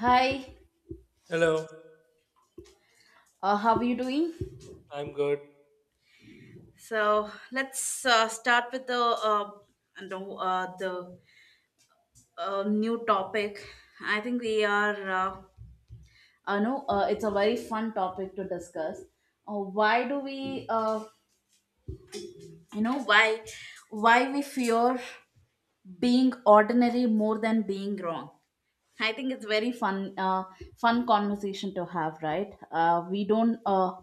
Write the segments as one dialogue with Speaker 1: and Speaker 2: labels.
Speaker 1: Hi,
Speaker 2: Hello,
Speaker 1: how are you doing?
Speaker 2: I'm good.
Speaker 1: So let's start with the, no, the new topic. I think we are no, it's a very fun topic to discuss. Why do we, you know, why why we fear being ordinary more than being wrong? I think it's very fun conversation to have, right? We don't.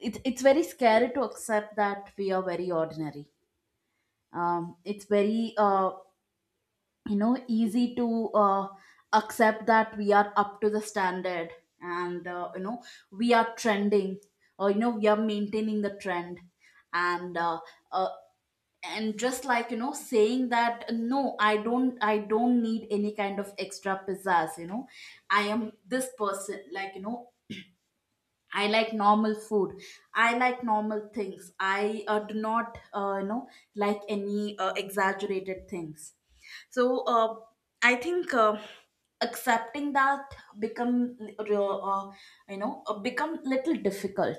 Speaker 1: It's very scary to accept that we are very ordinary. It's very easy to accept that we are up to the standard, and we are trending, or we are maintaining the trend, and uh, uh, and just saying that, no, I don't need any kind of extra pizzazz. I am this person, I like normal food. I like normal things. I do not, like any exaggerated things. So, I think, accepting that become, uh, uh, become little difficult.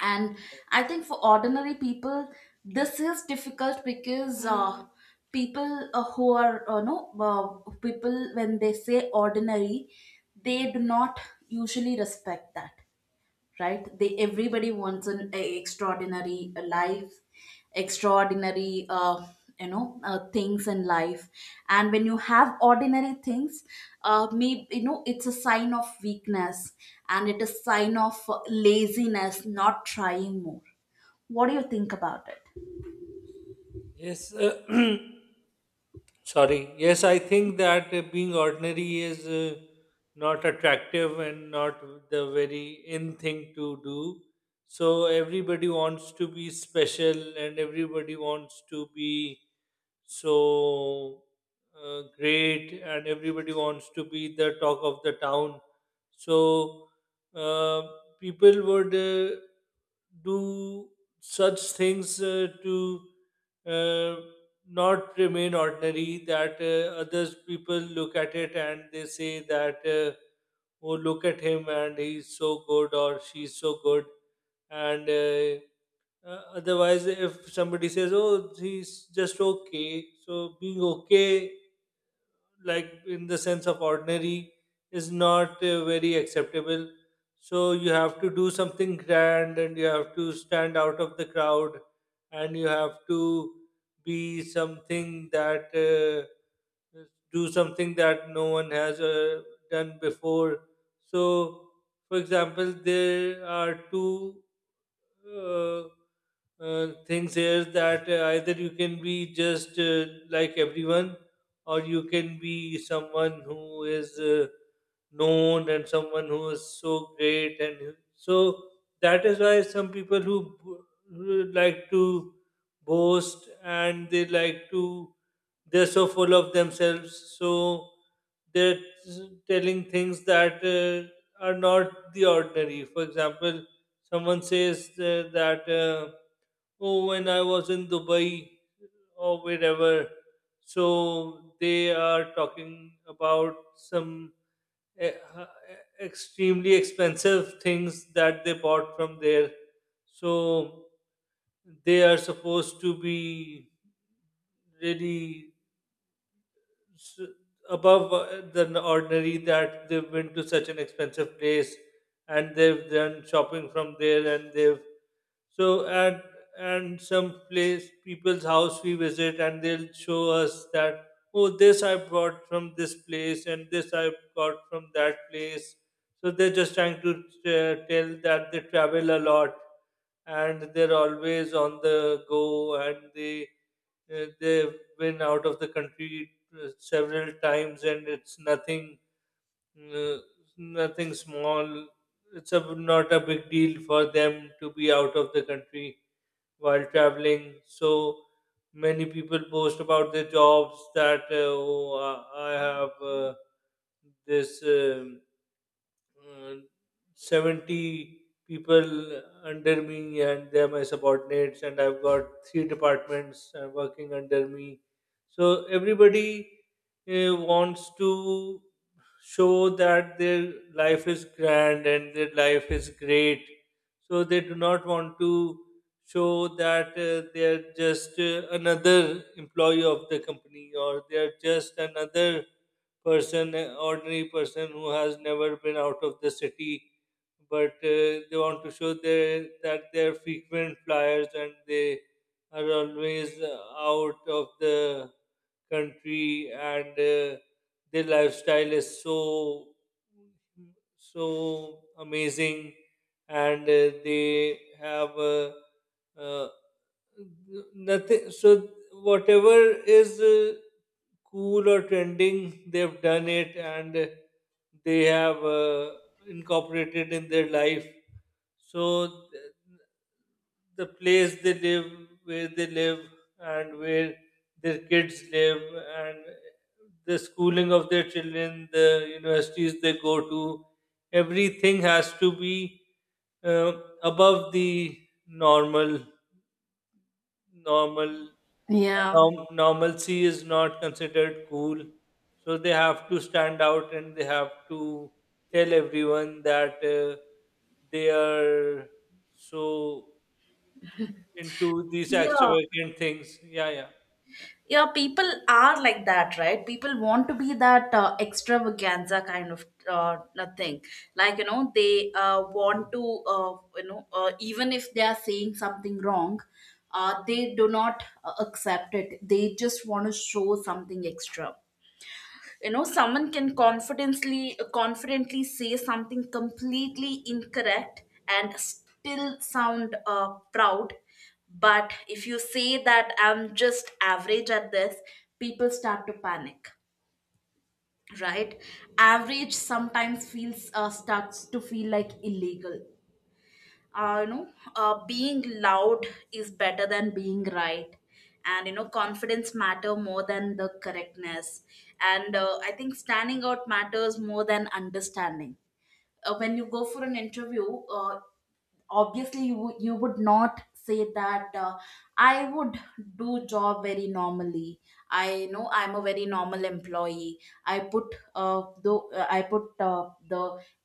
Speaker 1: And I think for ordinary people, this is difficult because people who are, people, when they say ordinary, they do not usually respect that, right? they Everybody wants an extraordinary life, extraordinary things in life, and when you have ordinary things, maybe it's a sign of weakness, and it is sign of laziness, not trying more. What do you think about it?
Speaker 2: Yes, sorry. Yes, I think that being ordinary is not attractive and not the very in thing to do. So everybody wants to be special and everybody wants to be so great and everybody wants to be the talk of the town, so uh, people would do such things to uh, not remain ordinary, that others people look at it and they say that oh, look at him and he's so good or she's so good. And otherwise, if somebody says, "Oh, he's just okay," so being okay, like in the sense of ordinary, is not very acceptable. So you have to do something grand and you have to stand out of the crowd and you have to be something that do something that no one has done before. So, for example, there are two uh, things here, that either you can be just like everyone, or you can be someone who is known and someone who is so great and so that is why some people who like to boast and they like to they're so full of themselves, so they're telling things that are not the ordinary. For example, someone says that oh, when I was in Dubai or wherever, so they are talking about some eh, uh, extremely expensive things that they bought from there. So they are supposed to be really s- above the ordinary, that they've been to such an expensive place and they've done shopping from there and they've So at and some place people's house we visit and they'll show us that oh, this I bought from this place and this I got from that place. So they're just trying to tell that they travel a lot and they're always on the go and they've been out of the country several times and it's nothing, uh, nothing small. It's a, not a big deal for them to be out of the country while traveling. So many people post about their jobs that oh, I have this. Uh, 70 people under me and they're my subordinates and I've got three departments working under me. So everybody wants to show that their life is grand and their life is great, so they do not want to show that they're just another employee of the company, or they're just another person, ordinary person who has never been out of the city, but they want to show their, that they're frequent flyers and they are always out of the country and their lifestyle is so so amazing, and they have uh, nothing. So whatever is cool or trending, they've done it, and they have incorporated in their life. So the place they live, where they live and where their kids live, and the schooling of their children, the universities they go to, everything has to be uh, above the normal. normal
Speaker 1: Yeah.
Speaker 2: Normalcy is not considered cool, so they have to stand out and they have to tell everyone that they are so into these
Speaker 1: Yeah,
Speaker 2: extravagant things. Yeah, yeah.
Speaker 1: yeah, people are like that, right? People want to be that extravaganza kind of thing, they want to, even if they are saying something wrong, they do not accept it, they just want to show something extra. Someone can confidently say something completely incorrect and still sound proud. But if you say that I'm just average at this, people start to panic, right? Average sometimes feels starts to feel like illegal. uh, you know, Being loud is better than being right. And, confidence matter more than the correctness. And, I think standing out matters more than understanding. When you go for an interview, obviously you would not say that, I would do job very normally. I know I'm a very normal employee. I put the I put the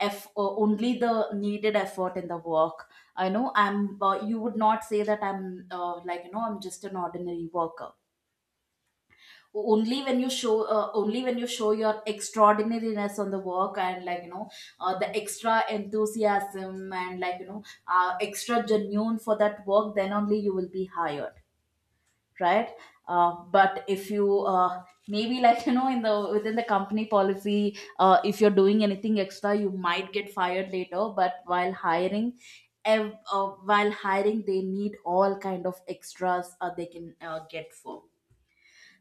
Speaker 1: f only the needed effort in the work. I know I'm You would not say that I'm I'm just an ordinary worker. Only when you show your extraordinariness on the work, and the extra enthusiasm, and extra genuine for that work, then only you will be hired, right? But if you maybe in the within the company policy, if you're doing anything extra you might get fired later. But while hiring, they need all kind of extras, they can get for.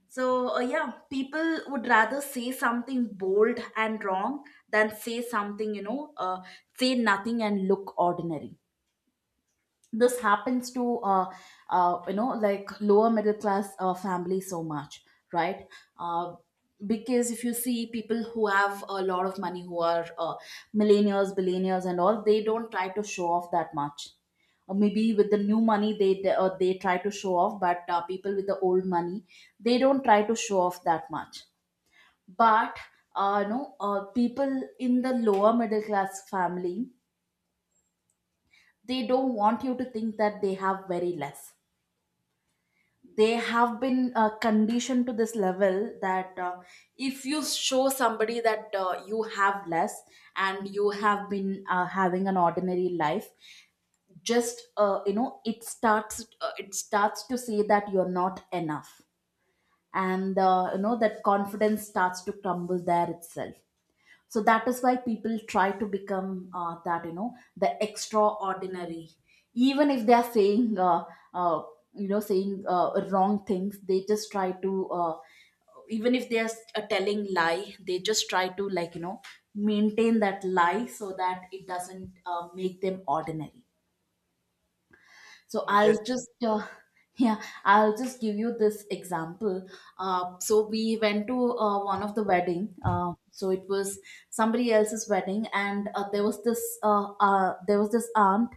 Speaker 1: So, yeah, people would rather say something bold and wrong than say something, say nothing and look ordinary. This happens to lower middle class families so much, right? uh, because if you see people who have a lot of money, who are millionaires, billionaires and all, they don't try to show off that much. Or maybe with the new money, they try to show off, but people with the old money, they don't try to show off that much. But, no, people in the lower middle class family, they don't want you to think that they have very less. They have been conditioned to this level that, if you show somebody that you have less, and you have been having an ordinary life, just you know it starts to say that you're not enough. And that confidence starts to crumble there itself. So that is why people try to become that, the extraordinary. Even if they are saying uh, you know saying wrong things, they just try to even if they are telling lie, they just try to maintain that lie so that it doesn't make them ordinary. So
Speaker 2: Mm, yes.
Speaker 1: I'll just, yeah, I'll just give you this example. So we went to one of the wedding, so it was somebody else's wedding. And there was this aunt.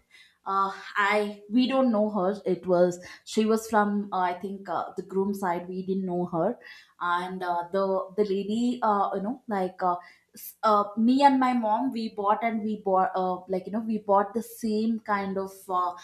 Speaker 1: I we don't know her. It was she was from, I think, the groom side. We didn't know her, and the lady, me and my mom, we bought like you know we bought the same kind of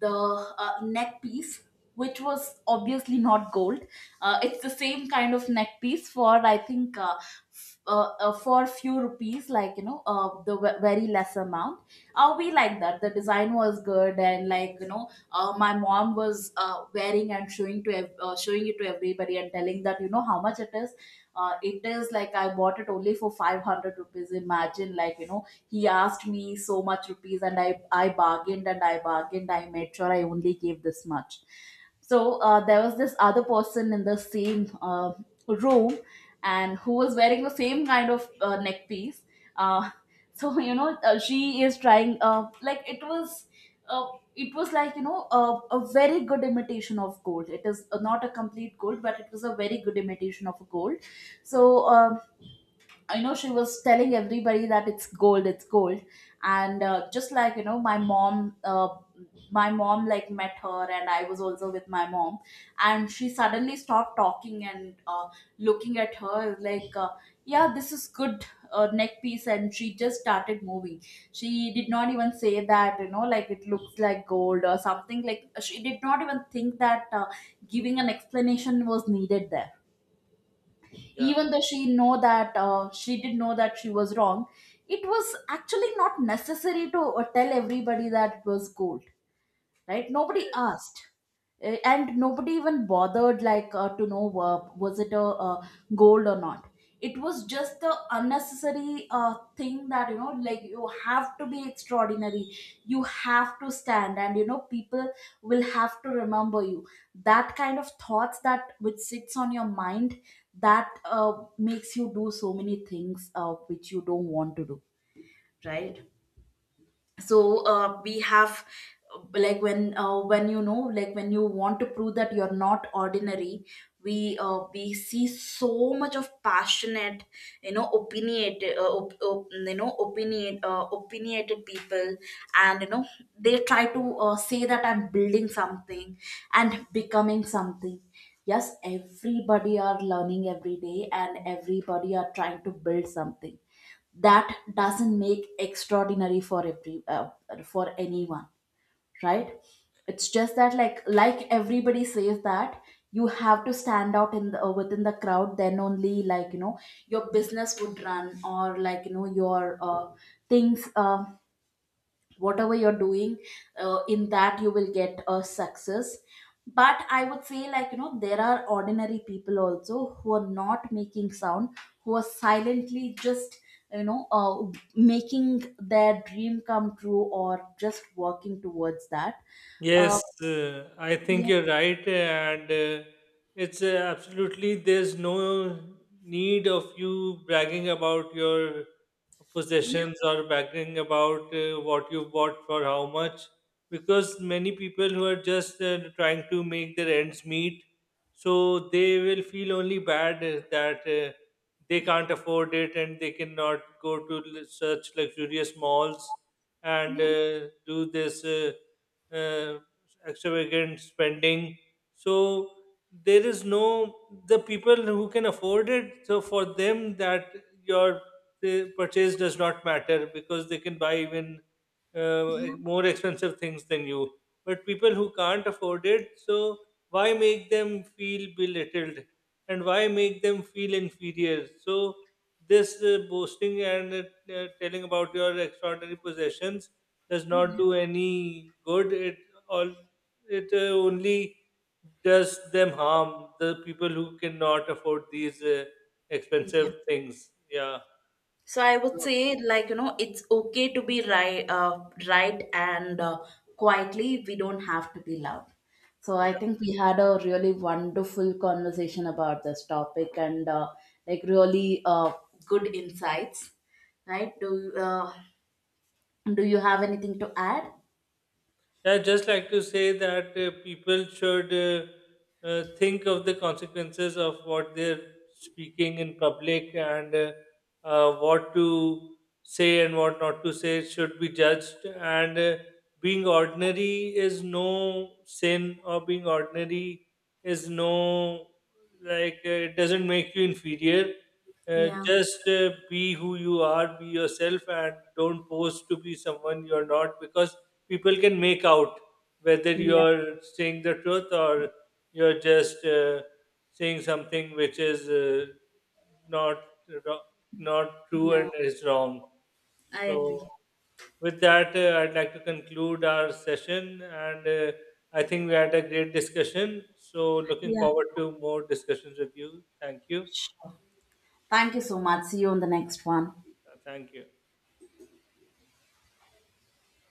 Speaker 1: the neck piece, which was obviously not gold. It's the same kind of neck piece for, I think, for few rupees, the very less amount. We like that the design was good, and my mom was wearing and showing it to everybody and telling that, how much it is. It is like I bought it only for 500 rupees, imagine, he asked me so much rupees, and I bargained, and I bargained, I made sure I only gave this much. So there was this other person in the same room, and who was wearing the same kind of neck piece. uh, so, she is trying, uh, it was a very good imitation of gold. It is not a complete gold, but it was a very good imitation of a gold. So, um, I know she was telling everybody that it's gold, and just my mom like met her, and I was also with my mom, and she suddenly stopped talking and looking at her like, yeah, this is good neck piece, and she just started moving. She did not even say that, like, it looks like gold or something. Like, she did not even think that giving an explanation was needed there,
Speaker 2: Yeah.
Speaker 1: even though she did know that she was wrong. It was actually not necessary to tell everybody that it was gold, right?
Speaker 2: Yeah.
Speaker 1: Nobody asked. And nobody even bothered, to know, was it gold or not? It was just the unnecessary thing that, you have to be extraordinary, you have to stand, and people will have to remember you, that kind of thoughts that which sits on your mind, that makes you do so many things which you don't want to do, right? So we have, when you want to prove that you're not ordinary, we see so much of passionate, opinionated op, op, you know opinion opinionated people, and they try to say that I'm building something and becoming something. Yes, everybody are learning every day, and everybody are trying to build something. That doesn't make extraordinary for every for anyone, right? It's just that, like everybody says that you have to stand out in the within the crowd, then only, your business would run, or your things, whatever you're doing, in that you will get a success. But I would say, there are ordinary people also who are not making sound, who are silently just you know uh, making their dream come true or just working towards that. uh,
Speaker 2: Yes, I think
Speaker 1: yeah,
Speaker 2: you're right, and it's absolutely, there's no need of you bragging about your
Speaker 1: yeah,
Speaker 2: possessions or bragging about what you bought for how much, because many people who are just trying to make their ends meet, so they will feel only bad that they can't afford it and they cannot go to such luxurious malls and
Speaker 1: yeah,
Speaker 2: do this. Uh, extravagant spending. So there is no, the people who can afford it, so for them, that your, the purchase does not matter because they can buy even more expensive things than you. But people who can't afford it, so why make them feel belittled and why make them feel inferior? So this boasting and telling about your extraordinary possessions does not do any good. It all, it only does them harm. The people who cannot afford these
Speaker 1: yeah.
Speaker 2: expensive things. Yeah.
Speaker 1: So I would say, it's okay to be right, right, and quietly. We don't have to be loud. So
Speaker 2: Yeah.
Speaker 1: I think we had a really wonderful conversation about this topic, and really good insights, right? Do you have anything to add?
Speaker 2: I'd just like to say that people should think of the consequences of what they're speaking in public, and what to say and what not to say should be judged. And being ordinary is no sin, or being ordinary is no, like, it doesn't make you inferior.
Speaker 1: Yeah,
Speaker 2: Just be who you are, be yourself, and don't pose to be someone you're not, because people can make out whether
Speaker 1: yeah,
Speaker 2: you're saying the truth or you're just saying something which is not ro- not true
Speaker 1: yeah.
Speaker 2: and is wrong.
Speaker 1: I agree.
Speaker 2: So with that, I'd like to conclude our session, and I think we had a great discussion. So looking
Speaker 1: Yeah,
Speaker 2: forward to more discussions with you. Thank you.
Speaker 1: sure. Thank you so much. See you on the next one.
Speaker 2: Thank you.